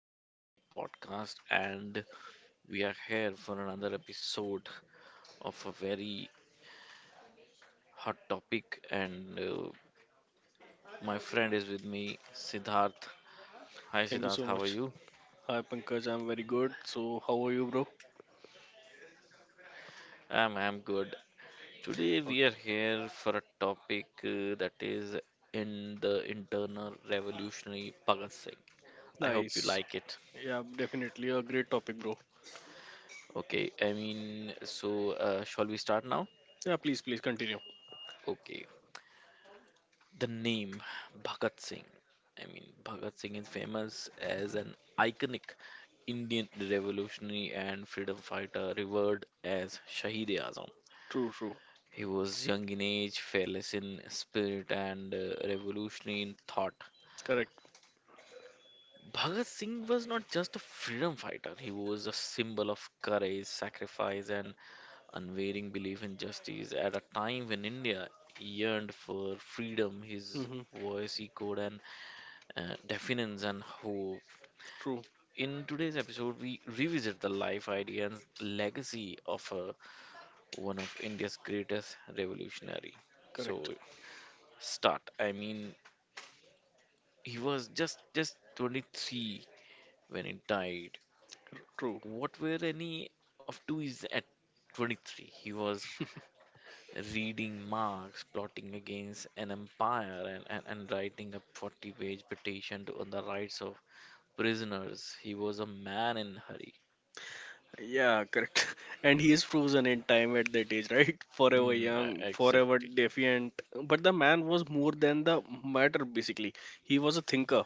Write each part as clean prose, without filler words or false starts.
to my podcast, and we are here for another episode of a very hot topic. And my friend is with me, Siddharth. Hi, Thank you Siddharth, so how are much. you? Hi Pankaj, I'm very good. So how are you, bro? I'm good. Today, we are Okay. here for a topic that is in the internal revolutionary Bhagat Singh. I hope you Nice. like it. Yeah, definitely a great topic, bro. Okay, I mean, so shall we start now? Yeah, please, please continue. Okay, the name Bhagat Singh. I mean, Bhagat Singh is famous as an iconic Indian revolutionary and freedom fighter, revered as Shahid-e-Azam. True, true. He was young in age, fearless in spirit, and revolutionary in thought. Correct. Bhagat Singh was not just a freedom fighter, he was a symbol of courage, sacrifice, and unwavering belief in justice. At a time when India yearned for freedom, his Mm-hmm. voice echoed and definitions and hope. True. In today's episode, we revisit the life idea and legacy of one of India's greatest revolutionary. Correct. So, start. I mean, he was just 23 when he died. True. What were any of two is at 23? He was reading Marx, plotting against an empire, and writing a 40-page petition to, on the rights of prisoners. He was a man in hurry. Yeah, correct. And he is frozen in time at that age, right? Forever young, forever Exactly. defiant. But the man was more than the matter, basically. He was a thinker.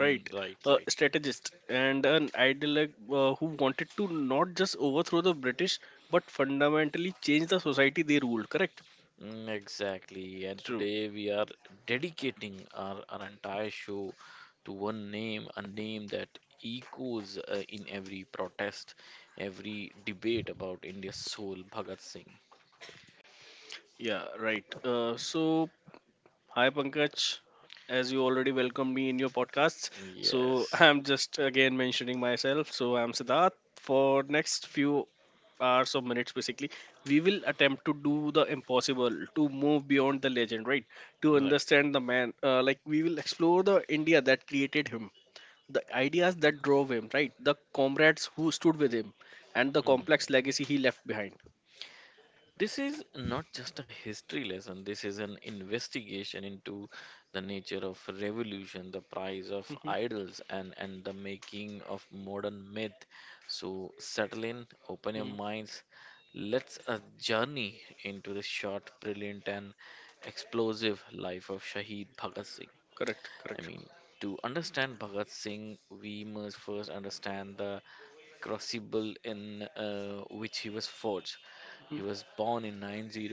Right, right, a right. strategist and an ideologue, who wanted to not just overthrow the British but fundamentally change the society they ruled. Correct. Exactly. And True. today we are dedicating our entire show to one name, a name that echoes in every protest, every debate about India's soul, Bhagat Singh. Yeah, right. So Hi Pankaj, as you already welcomed me in your podcast, so Yes. I'm just again mentioning myself. So I'm Siddharth. For next few hours or minutes, basically, we will attempt to do the impossible, to move beyond the legend, right? To Right. understand the man, like we will explore the India that created him, the ideas that drove him, right? The comrades who stood with him, and the complex Mm-hmm. legacy he left behind. This is not just a history lesson, this is an investigation into the nature of revolution, the price of Hmm. idols, and the making of modern myth. So, settle in, open your Hmm. minds. Let's a journey into the short, brilliant, and explosive life of Shahid Bhagat Singh. Correct, I correct. mean, to understand Bhagat Singh, we must first understand the crucible in which he was forged. He Hmm. was born in 90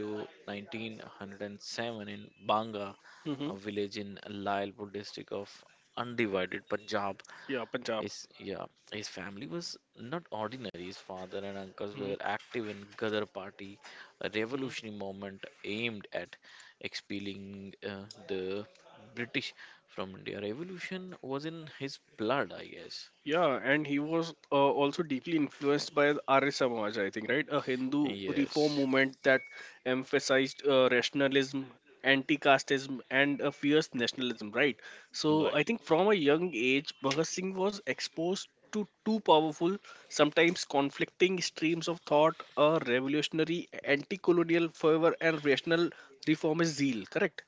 1907 in Banga, Hmm. a village in Lailpur district of undivided Punjab. Yeah, Punjab. His yeah, his family was not ordinary. His father and Hmm. uncles were active in Gadar Party, a revolutionary movement aimed at expelling the British from India. Revolution was in his blood, I guess. Yeah, and he was also deeply influenced by the Arya Samaj, I think, right? A Hindu reform Yes, movement that emphasized rationalism, anti-casteism, and a fierce nationalism, right? So right. I think from a young age, Bhagat Singh was exposed to two powerful, sometimes conflicting streams of thought: a revolutionary, anti-colonial fervor, and rational reformist zeal. Correct?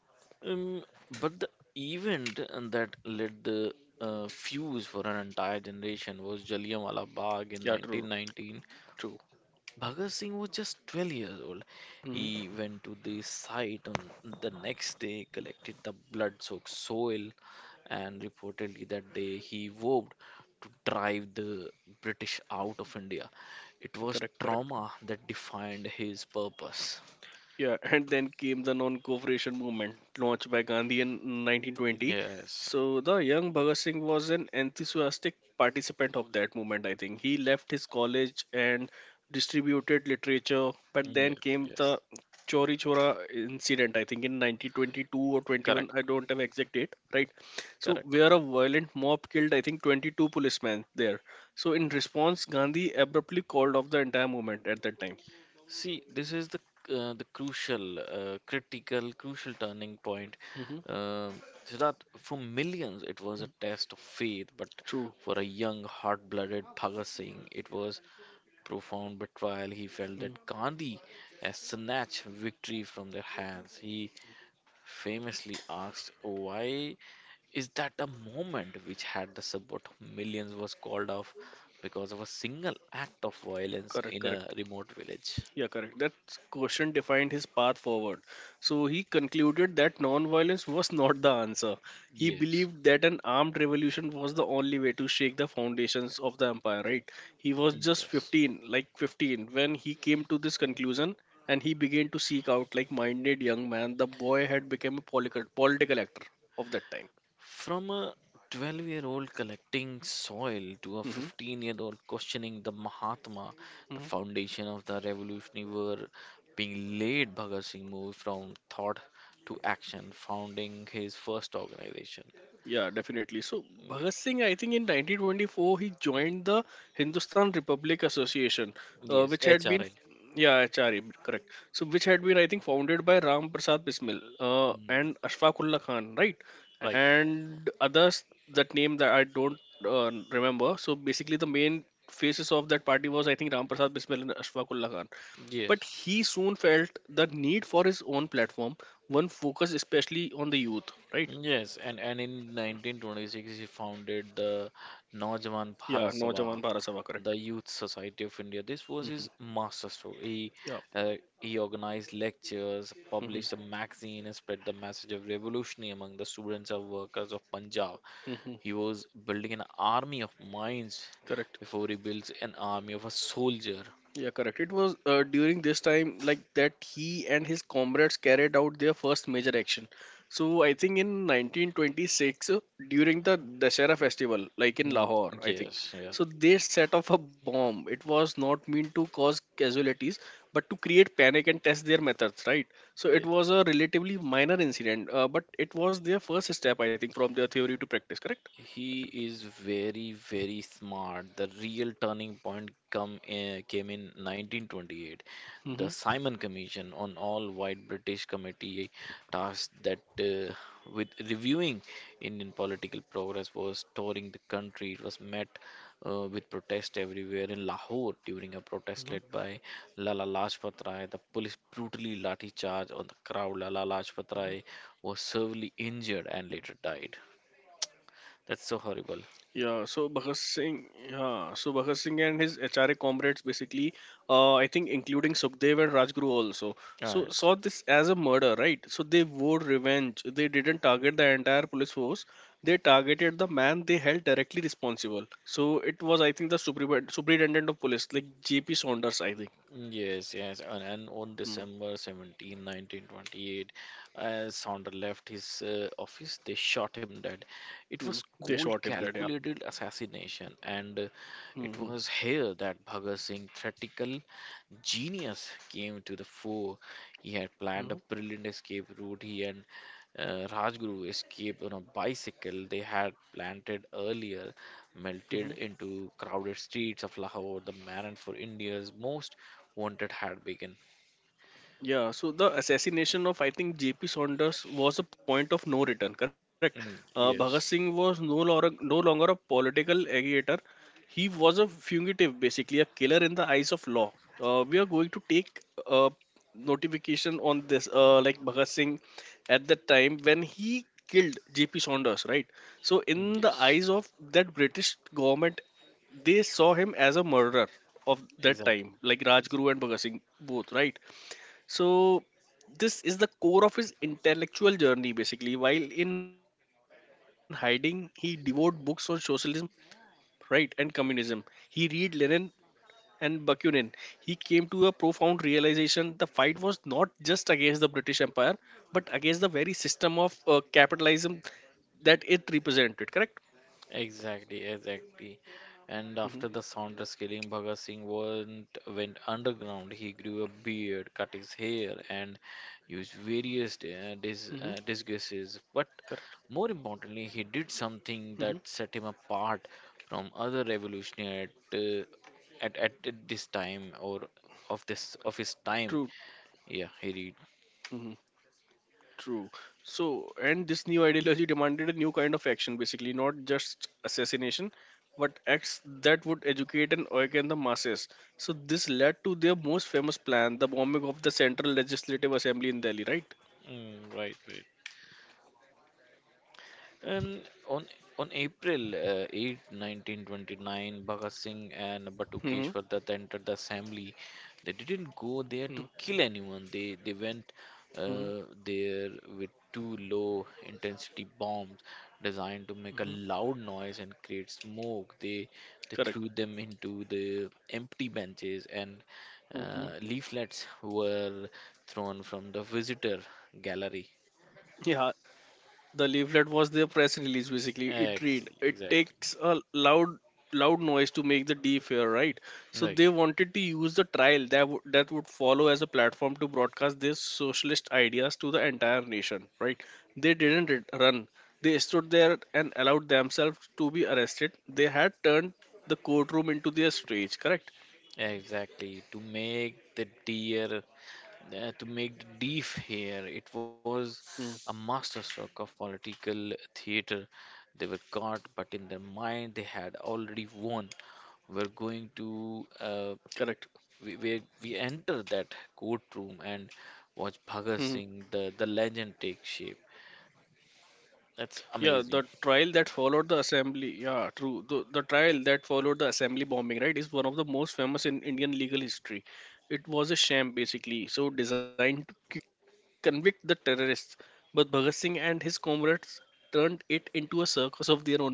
Um, but the event that lit the fuse for an entire generation was Jallianwala Bagh in Yeah, true, 1919. true. Bhagat Singh was just 12 years old. Hmm. He went to the site on the next day, collected the blood-soaked soil, and reportedly that day he vowed to drive the British out of India. It Correct, was correct. trauma that defined his purpose. Yeah, and then came the non-cooperation movement launched by Gandhi in 1920. Yes, So the young Bhagat Singh was an enthusiastic participant of that movement. I think he left his college and distributed literature. But then yes, came yes. the Chori Chora incident. I think in 1922 or 21. Correct, I don't have exact date. Right. So correct. where a violent mob killed I think 22 policemen there. So in response, Gandhi abruptly called off the entire movement at that time. See, this is the crucial, critical, crucial turning point. Hmm. Um Siddharth, for millions, it was a test of faith, but True. for a young, hot-blooded Bhagat Singh, it was profound betrayal. He felt Mm-hmm. that Gandhi had snatched victory from their hands. He famously asked, "Why is that a moment which had the support of millions was called off because of a single act of violence Correct, in a correct. remote village?" Yeah, correct. That question defined his path forward. So he concluded that non-violence was not the answer. He Yes. believed that an armed revolution was the only way to shake the foundations of the empire, right? He was just Yes. 15, like 15, when he came to this conclusion and he began to seek out, like minded young man, the boy had become a political actor of that time. From a 12-year-old collecting soil to a Mm-hmm. 15-year-old questioning the Mahatma, the Mm-hmm. foundation of the revolutionary were being laid. Bhagat Singh moved from thought to action, founding his first organization. Yeah, definitely. So Bhagat Singh, I think in 1924 he joined the Hindustan Republic Association, Yes, which had been. HRI. Yeah, HRA, correct. So which had been I think founded by Ram Prasad Bismil Mm, and Ashfaq Ullah Khan, right? right. And others that name that I don't remember. So basically the main faces of that party was I think Ram Prasad Bismil and Ashfaq Ullah Khan, but Yes. he soon felt the need for his own platform, one focused especially on the youth, right? Yes, and in 1926 he founded the Naujawan Yeah, Bharat Naujawan Sabha, Bharat Sabha, correct. the Youth Society of India. This was Hmm. his master stroke. Yeah. uh, he organized lectures, published a Hmm. magazine, and spread the message of revolution among the students and workers of Punjab. Hmm. He was building an army of minds Correct. before he builds an army of a soldier. Yeah, correct. It was during this time like that he and his comrades carried out their first major action. So I think in 1926 during the Dashera festival, like in Mm, Lahore, I think. yes, yes, So they set off a bomb. It was not meant to cause casualties, but to create panic and test their methods, right? So it was yes. a relatively minor incident, but it was their first step, I think, from their theory to practice, correct? He is very, very smart. The real turning point came in 1928. The Mm-hmm. Simon Commission on All-White British Committee tasked that with reviewing Indian political progress was touring the country. It was met with protest everywhere in Lahore during a protest led by Lala Lajpat Rai. The police brutally lathi charged on the crowd. Lala Lajpat Rai was severely injured and later died. That's so horrible. Yeah, so Bhagat Singh and his HRA comrades basically, I think including Sukhdev and Rajguru also, so All right. saw this as a murder, right? So they vowed revenge. They didn't target the entire police force. They targeted the man they held directly responsible. So it was, I think, the superintendent of police, like J.P. Saunders, I think. Yes, yes, and on December 17th, 1928, as Saunders left his office, they shot him dead. It Mm-hmm. was They cold, shot him, that yeah. calculated assassination, and it Mm-hmm. was here that Bhagat Singh theatrical genius came to the fore. He had planned a brilliant escape route. He and Rajguru escaped on a bicycle they had planted earlier, melted Mm-hmm. into crowded streets of Lahore, the man for India's most wanted had begun. Yeah, so the assassination of I think J.P. Saunders was a point of no return, correct? Mm, Bhagat Singh yes, was no longer a political agitator. He was a fugitive, basically a killer in the eyes of law. We are going to take a notification on this, like Bhagat Singh at the time when he killed J.P. Saunders, right? So mm, in the yes, eyes of that British government, they saw him as a murderer of that exactly, time, like exactly, Rajguru and Bhagat Singh both, right? So this is the core of his intellectual journey basically. While in hiding, he devoured books on socialism, right, and communism. He read Lenin and Bakunin. He came to a profound realization the fight was not just against the British Empire, but against the very system of capitalism that it represented. Correct? exactly, exactly. Hmm. And after the Saunders killing, Bhagat Singh went underground. He grew a beard, cut his hair, and used Hmm. various Correct. disguises. But more importantly, he Hmm. did something that set him apart from other revolutionaries at this time or of his True. time. Yeah, he read. Mm-hmm. True. So, and this new ideology demanded a new kind of action, basically, not just assassination, but acts that would educate and awaken the masses. So, this led to their most famous plan, the bombing of the Central Legislative Assembly in Delhi, right? Mm, right, right. And on on April 8, 1929, Bhagat Singh and Mm-hmm. Batukeshwar Dutt entered the assembly. They didn't go there to Mm-hmm. kill anyone. They went there with two low intensity bombs designed to make a Mm-hmm. loud noise and create smoke. They threw Correct. them into the empty benches and Mm-hmm. leaflets were thrown from the visitor gallery. Yeah, the leaflet was their press release basically. It read, Exactly, it exactly. takes a loud noise to make the deaf hear, right? So Right. they wanted to use the trial that that would follow as a platform to broadcast their socialist ideas to the entire nation, right? They didn't run. They stood there and allowed themselves to be arrested. They had turned the courtroom into their stage, correct? Exactly. To make the deef here, it was a Hmm, masterstroke of political theater. They were caught, but in their mind they had already won. We're going correct. to, we enter that courtroom and Hmm, hmm. watch Bhagat Singh, the legend take shape. That's amazing. Yeah, true. The trial that followed the assembly bombing, right, is one of the most famous in Indian legal history. It was a sham, basically, so designed to quickly convict the terrorists. But Bhagat Singh and his comrades turned it into a circus of their own making.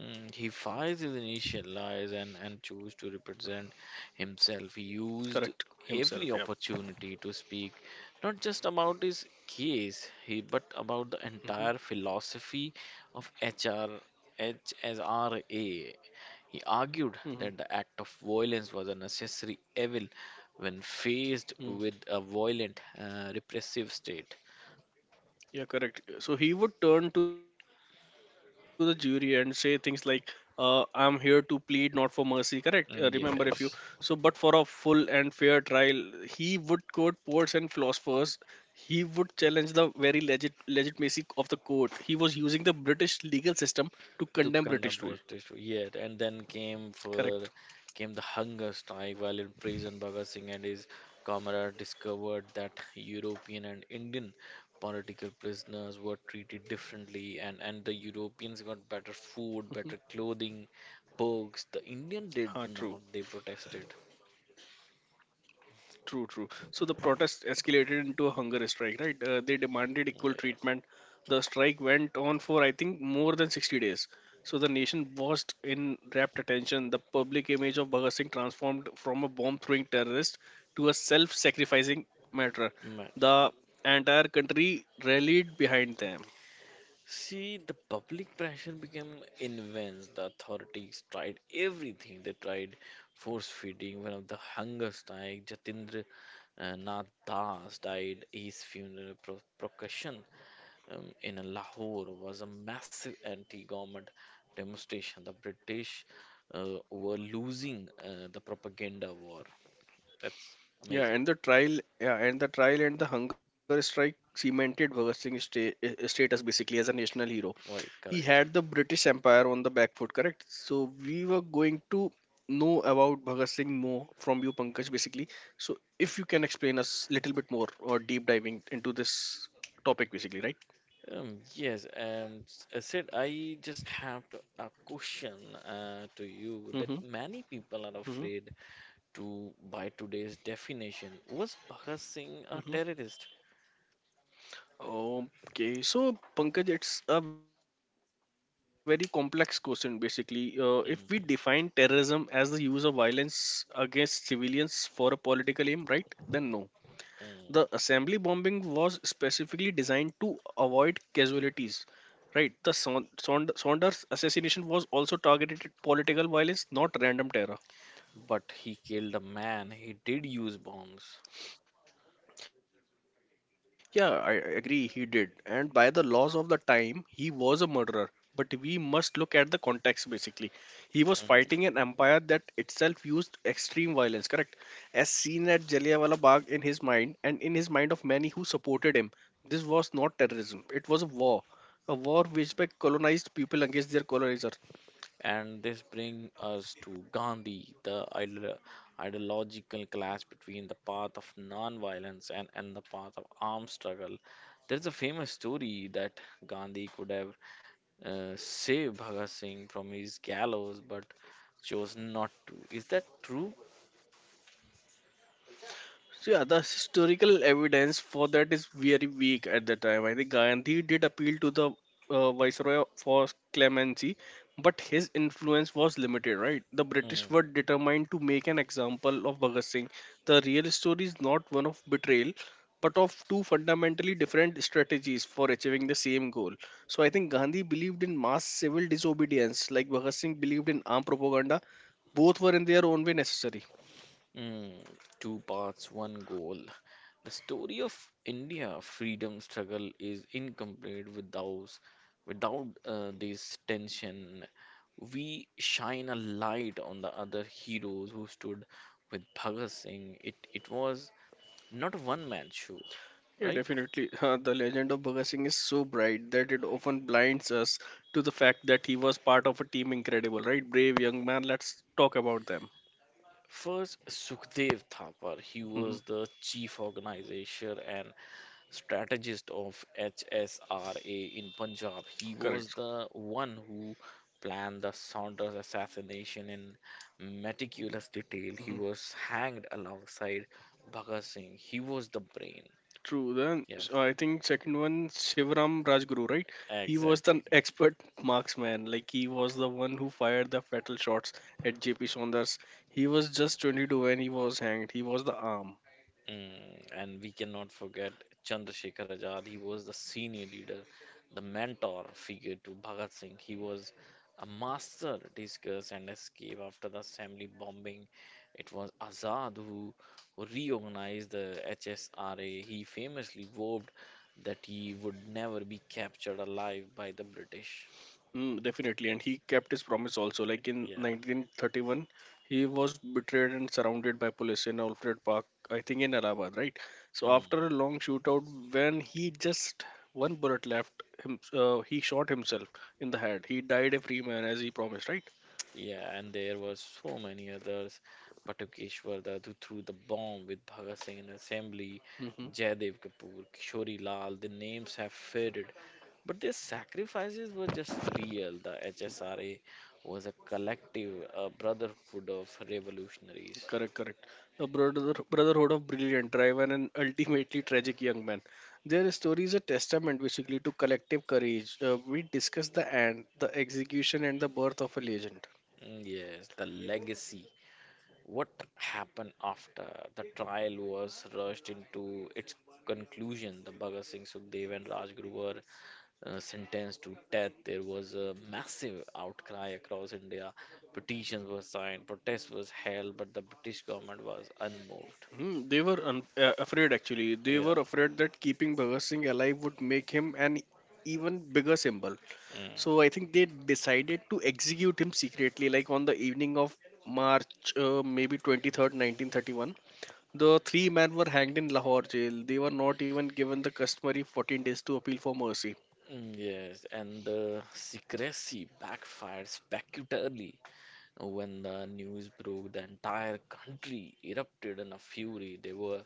He fights his initial lies and chose to represent himself. He Correct. used Himself, yeah. every opportunity to speak not just about his case, he but about the entire philosophy of H R H S R A. He argued Hmm. that the act of violence was a necessary evil when faced Hmm. with a violent, repressive state. Yeah, correct. So he would turn to the jury and say things like, "I'm here to plead not for mercy." Correct. Remember, if you so, but Mm, for a full yes. and fair trial, he would quote poets and philosophers. He would challenge the very legitimacy of the court. He was using the British legal system to condemn British rule. To contemplate this yet and then came Correct. for came the hunger strike. While in prison, Bhagat Singh and his comrade discovered that European and Indian political prisoners were treated differently, and the Europeans Mm-hmm. got better food, better clothing, perks. Ah, The true. Indian did not. They protested. True, true. So the protest escalated into a hunger strike, right? They demanded equal treatment. Yeah, The strike went on for, I think, more than 60 days. So the nation watched in rapt attention. The public image of Bhagat Singh transformed from a bomb throwing terrorist to a self sacrificing martyr. imagine. The entire country rallied behind them. See, the public pressure became immense. The authorities tried everything. They tried force feeding. One of the hunger strike, Jatindra Nath Das, died. His funeral procession in Lahore was a massive anti-government demonstration. The British were losing the propaganda war. That's Yeah, amazing. and the trial and the hunger strike cemented Bhagat Singh's status basically as a national hero. Right, He correct. had the British Empire on the back foot, correct? So we were going to know about Bhagat Singh more from you, Pankaj, basically. So if you can explain us little bit more or deep diving into this topic, basically, right? Yes, and said I just have to, a question to you that Mm-hmm. many people are Mm-hmm. afraid to, by today's definition, was Bhagat Singh a Mm-hmm. terrorist? Okay, so Pankaj, it's a very complex question basically. If we define terrorism as the Mm, use of violence against civilians for a political aim, right? Then no. The assembly bombing mm. was specifically designed to avoid casualties. Right, the Saunders assassination was also targeted at political violence, not random terror. But he killed a man. He did use bombs. Yeah, I agree, he did. And by the laws of the time, he was a murderer. But we must look at the context basically. He was fighting an empire that Mm. itself used extreme violence, correct? As seen at Jallianwala Bagh in his mind and in his mind of many who supported him, this was not terrorism, it was a war. A war waged by colonized people against their colonizer. And this brings us to Gandhi, the ideological clash between the path of non-violence and the path of armed struggle. There's a famous story that Gandhi could have save Bhagat Singh from his gallows but chose not to. Is that true? So, yeah, the historical evidence for that is very weak at the time. I think Gandhi did appeal to the viceroy for clemency, but his influence was limited, right? The British were Mm, determined to make an example of Bhagat Singh. The real story is not one of betrayal, but of two fundamentally different strategies for achieving the same goal. So, I think Gandhi believed in mass civil disobedience, like Bhagat Singh believed in armed propaganda. Both were in their own way necessary. mm, Two parts, one goal. The story of India freedom struggle is incomplete without this tension. We shine a light on the other heroes who stood with Bhagat Singh. It was not a one man show, Yeah, right? definitely. The legend of Bhagat Singh is so bright that it often blinds us to the fact that he was part of a team incredible, right? Brave young man. Let's talk about them. First, Sukhdev Thapar. He Hmm. was the chief organizer and strategist of HSRA in Punjab. He was Correct. the one who planned the Saunders assassination in meticulous detail. He Hmm. was hanged alongside Bhagat Singh. He was the brain. True. Then Yeah, so I think second one, Shivaram Rajguru, right? He was exactly. the expert marksman. Like he was the one who fired the fatal shots at J.P. Saunders. He was just 22 when he was hanged. He was the arm. And we cannot forget Chandrasekhar Azad. He was the senior leader, the mentor figure to Bhagat Singh. He was a master discuss and escape after the assembly bombing. It was Azad who reorganized the HSRA. He famously vowed that he would never be captured alive by the British. Mm, definitely, and he kept his promise also. Like in Yeah. 1931, he was betrayed and surrounded by police in Alfred Park, I think in Allahabad, right? So after Mm. a long shootout, when he just one bullet left him, he shot himself in the head. He died a free man as he promised, right? Yeah, and there were so many others. Patakeshwar Dad who threw the bomb with Bhagat Singh in assembly, Mm-hmm. Jaydev Kapoor, Kishori Lal, the names have faded. But their sacrifices were just real. The HSRA was a collective, a brotherhood of revolutionaries. Correct, correct. A brotherhood of brilliant, driven, and ultimately tragic young men. Their story is a testament, basically, to collective courage. We discuss the end, the execution, and the birth of a legend. Yes, the legacy. What happened after the trial was rushed into its conclusion? The Bhagat Singh, Sukhdev, and Rajguru were sentenced to death, there was a massive outcry across India. Petitions were signed, protests was held, but the British government was unmoved. Afraid actually. They Yeah. were afraid that keeping Bhagat Singh alive would make him an even bigger symbol. Mm. So I think they decided to execute him secretly, like on the evening of March, maybe 23rd, 1931. The three men were hanged in Lahore jail. They were not even given the customary 14 days to appeal for mercy. Yes, and the secrecy backfired spectacularly. When the news broke, the entire country erupted in a fury. There were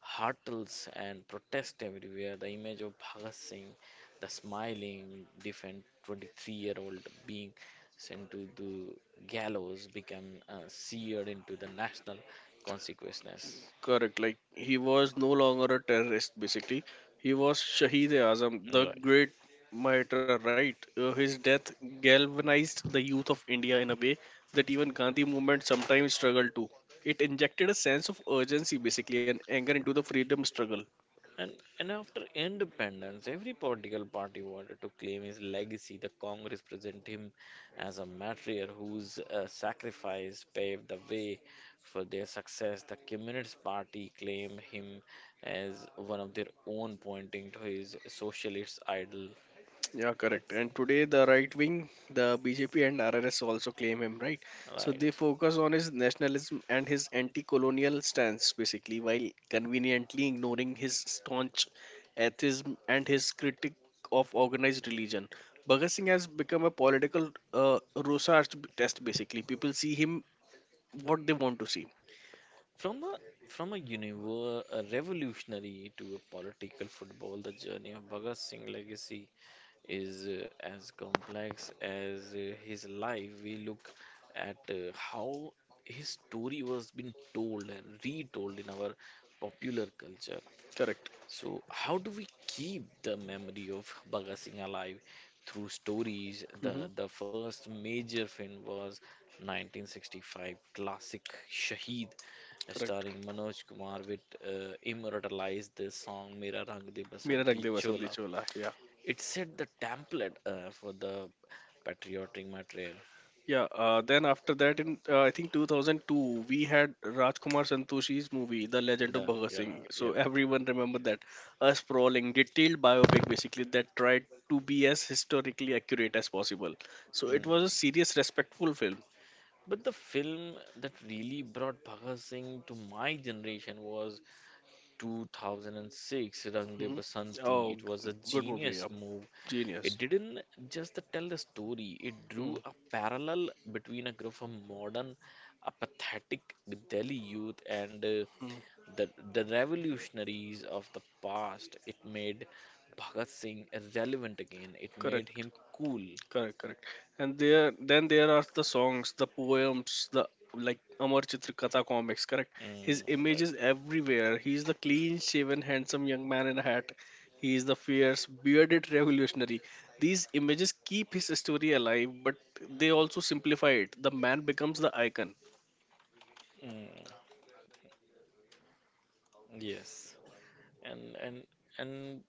hurtles and protest everywhere. The image of Bhagat Singh, the smiling, different 23-year-old being sent to the gallows, became seared into the national consciousness. Correct. Like he was no longer a terrorist. Basically, he was Shahid Azam, the Right. great martyr. Right. His death galvanized the youth of India in a way that even Gandhi movement sometimes struggled to. It injected a sense of urgency, basically, and anger into the freedom struggle. And, and after independence, every political party wanted to claim his legacy. The Congress presented him as a martyr whose sacrifice paved the way for their success. The Communist Party claimed him as one of their own, pointing to his socialist idol. Yeah, correct. That's And today, the right wing, the BJP and RRS also claim him, right? So they right. focus on his nationalism and his anti colonial stance, basically, while conveniently ignoring his staunch atheism and his critique of organized religion. Bhagat Singh has become a political research test, basically. People see him what they want to see. From a from a universe a revolutionary to a political football, the journey of Bhagat Singh legacy is as complex as his life. We look at how his story was being told and retold in our popular culture. Correct. So, how do we keep the memory of Bhagat Singh alive through stories? Hmm. The first major film was 1965 classic Shaheed, Correct. starring Manoj Kumar, which immortalized the song "Mera Rang De Mera Rang Basanti De Vasanti Chola." Chola. Yeah. It set the template for the patriotic material Yeah, then after that, in I think 2002, we had Rajkumar Santoshi's movie, The and Legend of the Bhagat yeah. Singh. So everyone remember that. A sprawling, detailed biopic basically that tried to be as historically accurate as possible. So it was Mm. a serious, respectful film. But the film that really brought Bhagat Singh to my generation was 2006 Rang De hmm Basanti. Oh, It was a good movie. genius Yeah. move. It Genius. didn't just tell the story, it drew Mm-hmm. a parallel between a group of modern, apathetic Delhi youth and the revolutionaries of the past. It made Bhagat Singh relevant again, it made him Correct. cool. Correct, correct. And then there are the songs, the poems, the like Amar Chitrkatha comics. Correct. Mm, His image right. is everywhere. He is the clean-shaven, handsome young man in a hat. He is the fierce, bearded revolutionary. These images keep his story alive, but they also simplify it. The man becomes the icon. Mm, yes. And, and, and,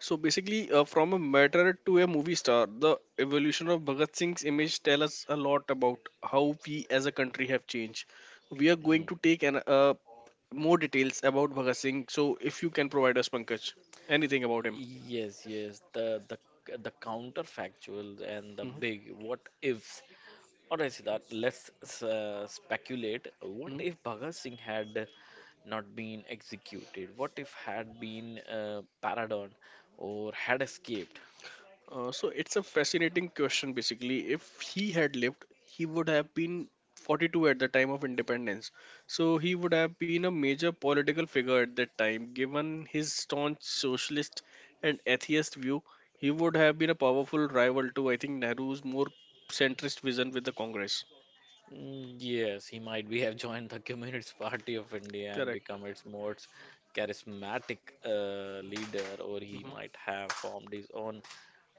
So basically, from a martyr to a movie star, the evolution of Bhagat Singh's image tell us a lot about how we as a country have changed. We are going Mhm. to take more details about Bhagat Singh. So if you can provide us, Pankaj, anything about him. Yes, yes. The counterfactual and the big what ifs. All right, Siddharth, let's speculate. What Mhm. if Bhagat Singh had not been executed? What if had been pardoned or had escaped? So it's a fascinating question. Basically, if he had lived, he would have been 42 at the time of independence. So he would have been a major political figure at that time. Given his staunch socialist and atheist view, he would have been a powerful rival to, I think, Nehru's more centrist vision with the Congress. Mm, yes, he might be have joined the Communist Party of India and Correct. become its most charismatic leader, or he Hmm. might have formed his own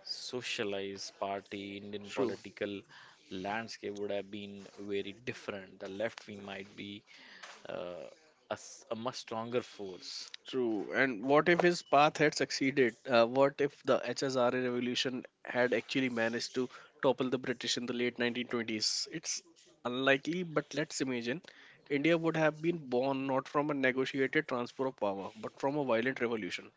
socialized party, Indian True. political landscape would have been very different. The left wing might be uh, a much stronger force. True. And what if his path had succeeded? What if the HSRA revolution had actually managed to topple the British in the late 1920s? It's unlikely, but let's imagine India would have been born not from a negotiated transfer of power, but from a violent revolution.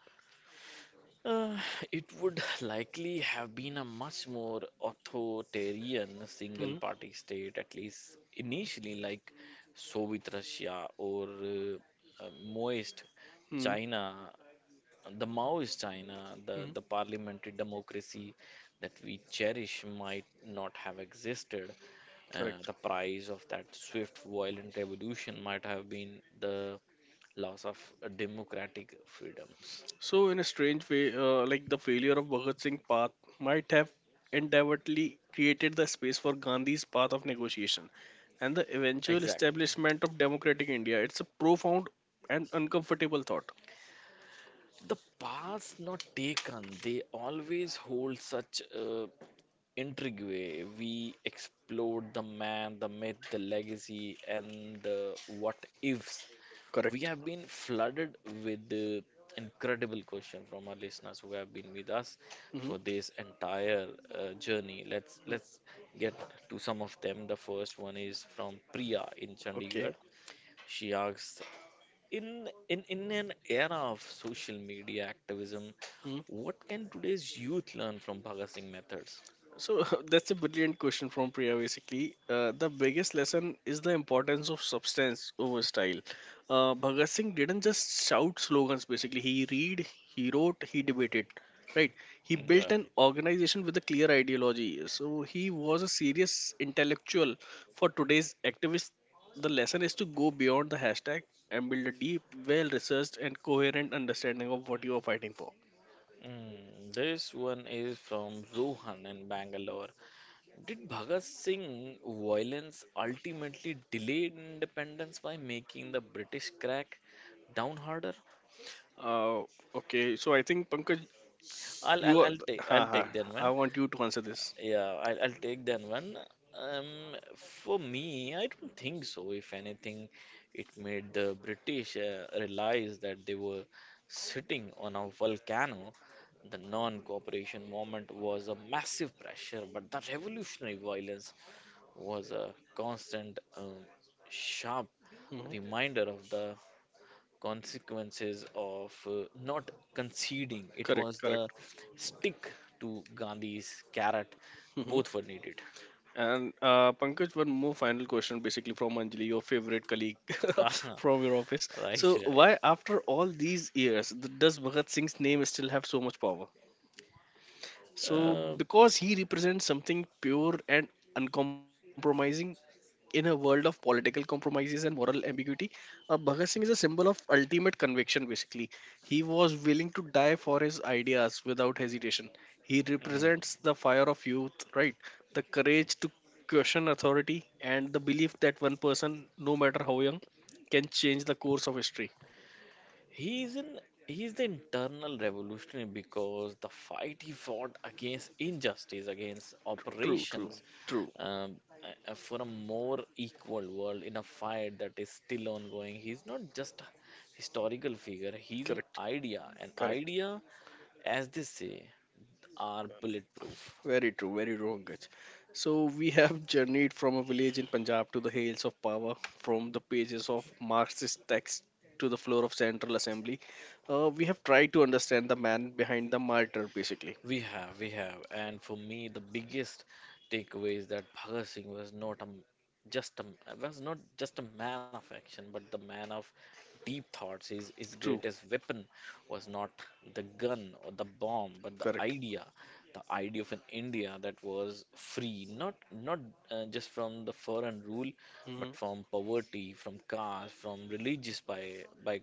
Uh, it would likely have been a much more authoritarian single Hmm party state, at least initially, like Soviet Russia or Maoist hmm China. The Maoist China, the, hmm. the parliamentary democracy that we cherish might not have existed. Correct. The price of that swift, violent revolution might have been the loss of democratic freedoms. So, in a strange way, like the failure of Bhagat Singh path might have endeavourly created the space for Gandhi's path of negotiation, and the eventual Exactly. establishment of democratic India. It's a profound and uncomfortable thought. The paths not taken, they always hold such intrigue. We explored the man, the myth, the legacy, and the what ifs. We Correct. have been flooded with the incredible question from our listeners who have been with us Hmm. for this entire journey. Let's get to some of them. The first one is from Priya in Okay. Chandigarh. She asks, in an era of social media activism, Mm-hmm. what can today's youth learn from Bhagat Singh methods? So that's a brilliant question from Priya. Basically, the biggest lesson is the importance of substance over style. Bhagat Singh didn't just shout slogans. Basically, he read, he wrote, he debated. Right? He Mm, built an right. organization with a clear ideology. So he was a serious intellectual for today's activists. The lesson is to go beyond the hashtag and build a deep, well-researched, and coherent understanding of what you are fighting for. Mm, this one is from Rohan in Bangalore. Did Bhagat Singh violence ultimately delay independence by making the British crack down harder? Uh, okay, so I think Pankaj, I'll I'll, You are, I'll take ha, I'll take that ha, I one. want you to answer this. Yeah, I'll take that one. For me, I don't think so. If anything, it made the British realize that they were sitting on a volcano. The non-cooperation movement was a massive pressure, but the revolutionary violence was a constant, sharp Hmm. reminder of the consequences of not conceding. It Correct, was correct. the stick to Gandhi's carrot, Hmm. both were needed. And Pankaj, one more final question basically from Anjali, your favorite colleague Ah, from your office. right, So, right. why, after all these years, does Bhagat Singh's name still have so much power? So, Uh, because he represents something pure and uncompromising. In a world of political compromises and moral ambiguity, Bhagat Singh is a symbol of ultimate conviction, basically. He was willing to die for his ideas without hesitation. He represents mm. the fire of youth, right? The courage to question authority and the belief that one person, no matter how young, can change the course of history. he's an he's the internal revolutionary because the fight he fought against injustice, against True, true, operations, true. um, for a more equal world in a fight that is still ongoing. He's not just a historical figure, he's an Correct, idea. An correct. idea, as they say, are bulletproof. Very true, very true. So we have journeyed from a village in Punjab to the hills of power, from the pages of Marxist texts to the floor of Central Assembly. We have tried to understand the man behind the martyr, basically. We have. And for me, the biggest takeaway is that Bhagat Singh was not a, m- just a, m- was not just a man of action, but the man of deep thoughts. His True, greatest weapon was not the gun or the bomb, but correct. The idea of an India that was free, not just from the foreign rule, but Mm-hmm. from poverty, from caste, from religious by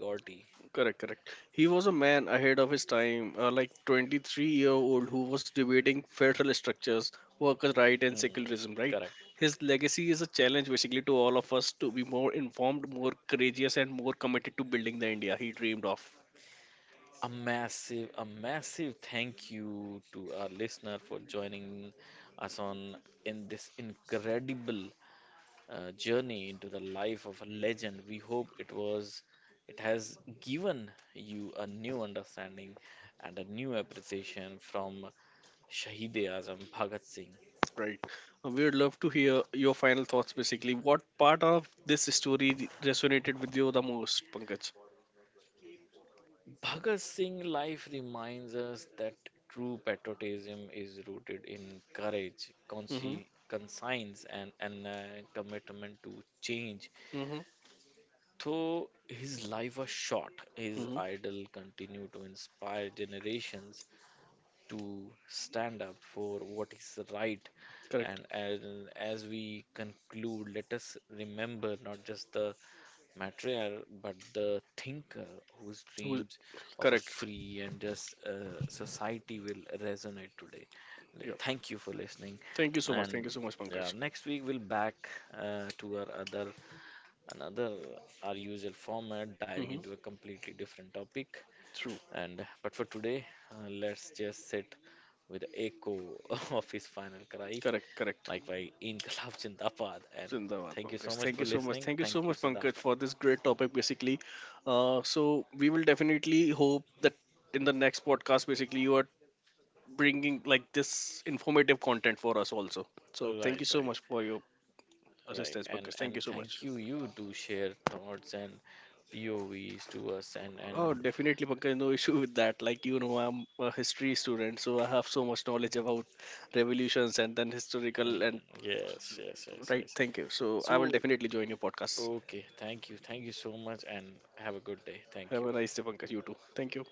Correct, correct. He was a man ahead of his time, like 23-year-old who was debating federal structures, workers' right, and mm, secularism. Right, correct. his legacy is a challenge basically to all of us to be more informed, more courageous, and more committed to building the India he dreamed of. A massive thank you to our listener for joining us on in this incredible journey into the life of a legend. We hope it was, it has given you a new understanding and a new appreciation from Shahid e Azam Bhagat Singh. Right. We would love to hear your final thoughts. Basically, what part of this story resonated with you the most, Pankaj? Bhagat Singh life reminds us that true patriotism is rooted in courage, Mm-hmm. Conscience, and commitment to change. Mm-hmm. Though his life was short, his Mm-hmm. idol continued to inspire generations to stand up for what is right. Correct. And as we conclude, let us remember not just the material, but the thinker whose Who, dreams of a correct. free and just society will resonate today. Yeah. Thank you for listening, Thank you so much. Thank and you so much, yeah, Pankaj. next week we'll back to our other another our usual format, diving Mm-hmm. into a completely different topic. True. And but for today, let's just sit with the echo of his final cry, Correct, correct. like by Inkılap Zindabad. And Zindabad, thank you Pankaj. so much Thank for you so much. listening. Thank you so Thank you, much, Pankaj, Siddharth. for this great topic, basically. So we will definitely hope that in the next podcast, basically, you are bringing like this informative content for us also. So thank Right, you so right. much for your Right, assistance, and Pankaj. Thank you and so much. thank you you to share thoughts and P O Vs to us and Oh, definitely, Pankaj. No issue with that. Like you know, I'm a history student, so I have so much knowledge about revolutions and then historical mm, and yes yes yes right. yes. Thank you. So I will So definitely join your podcast. okay, thank you so much, and have a good day. Thank Have you. a nice day, Pankaj. You too. Thank you.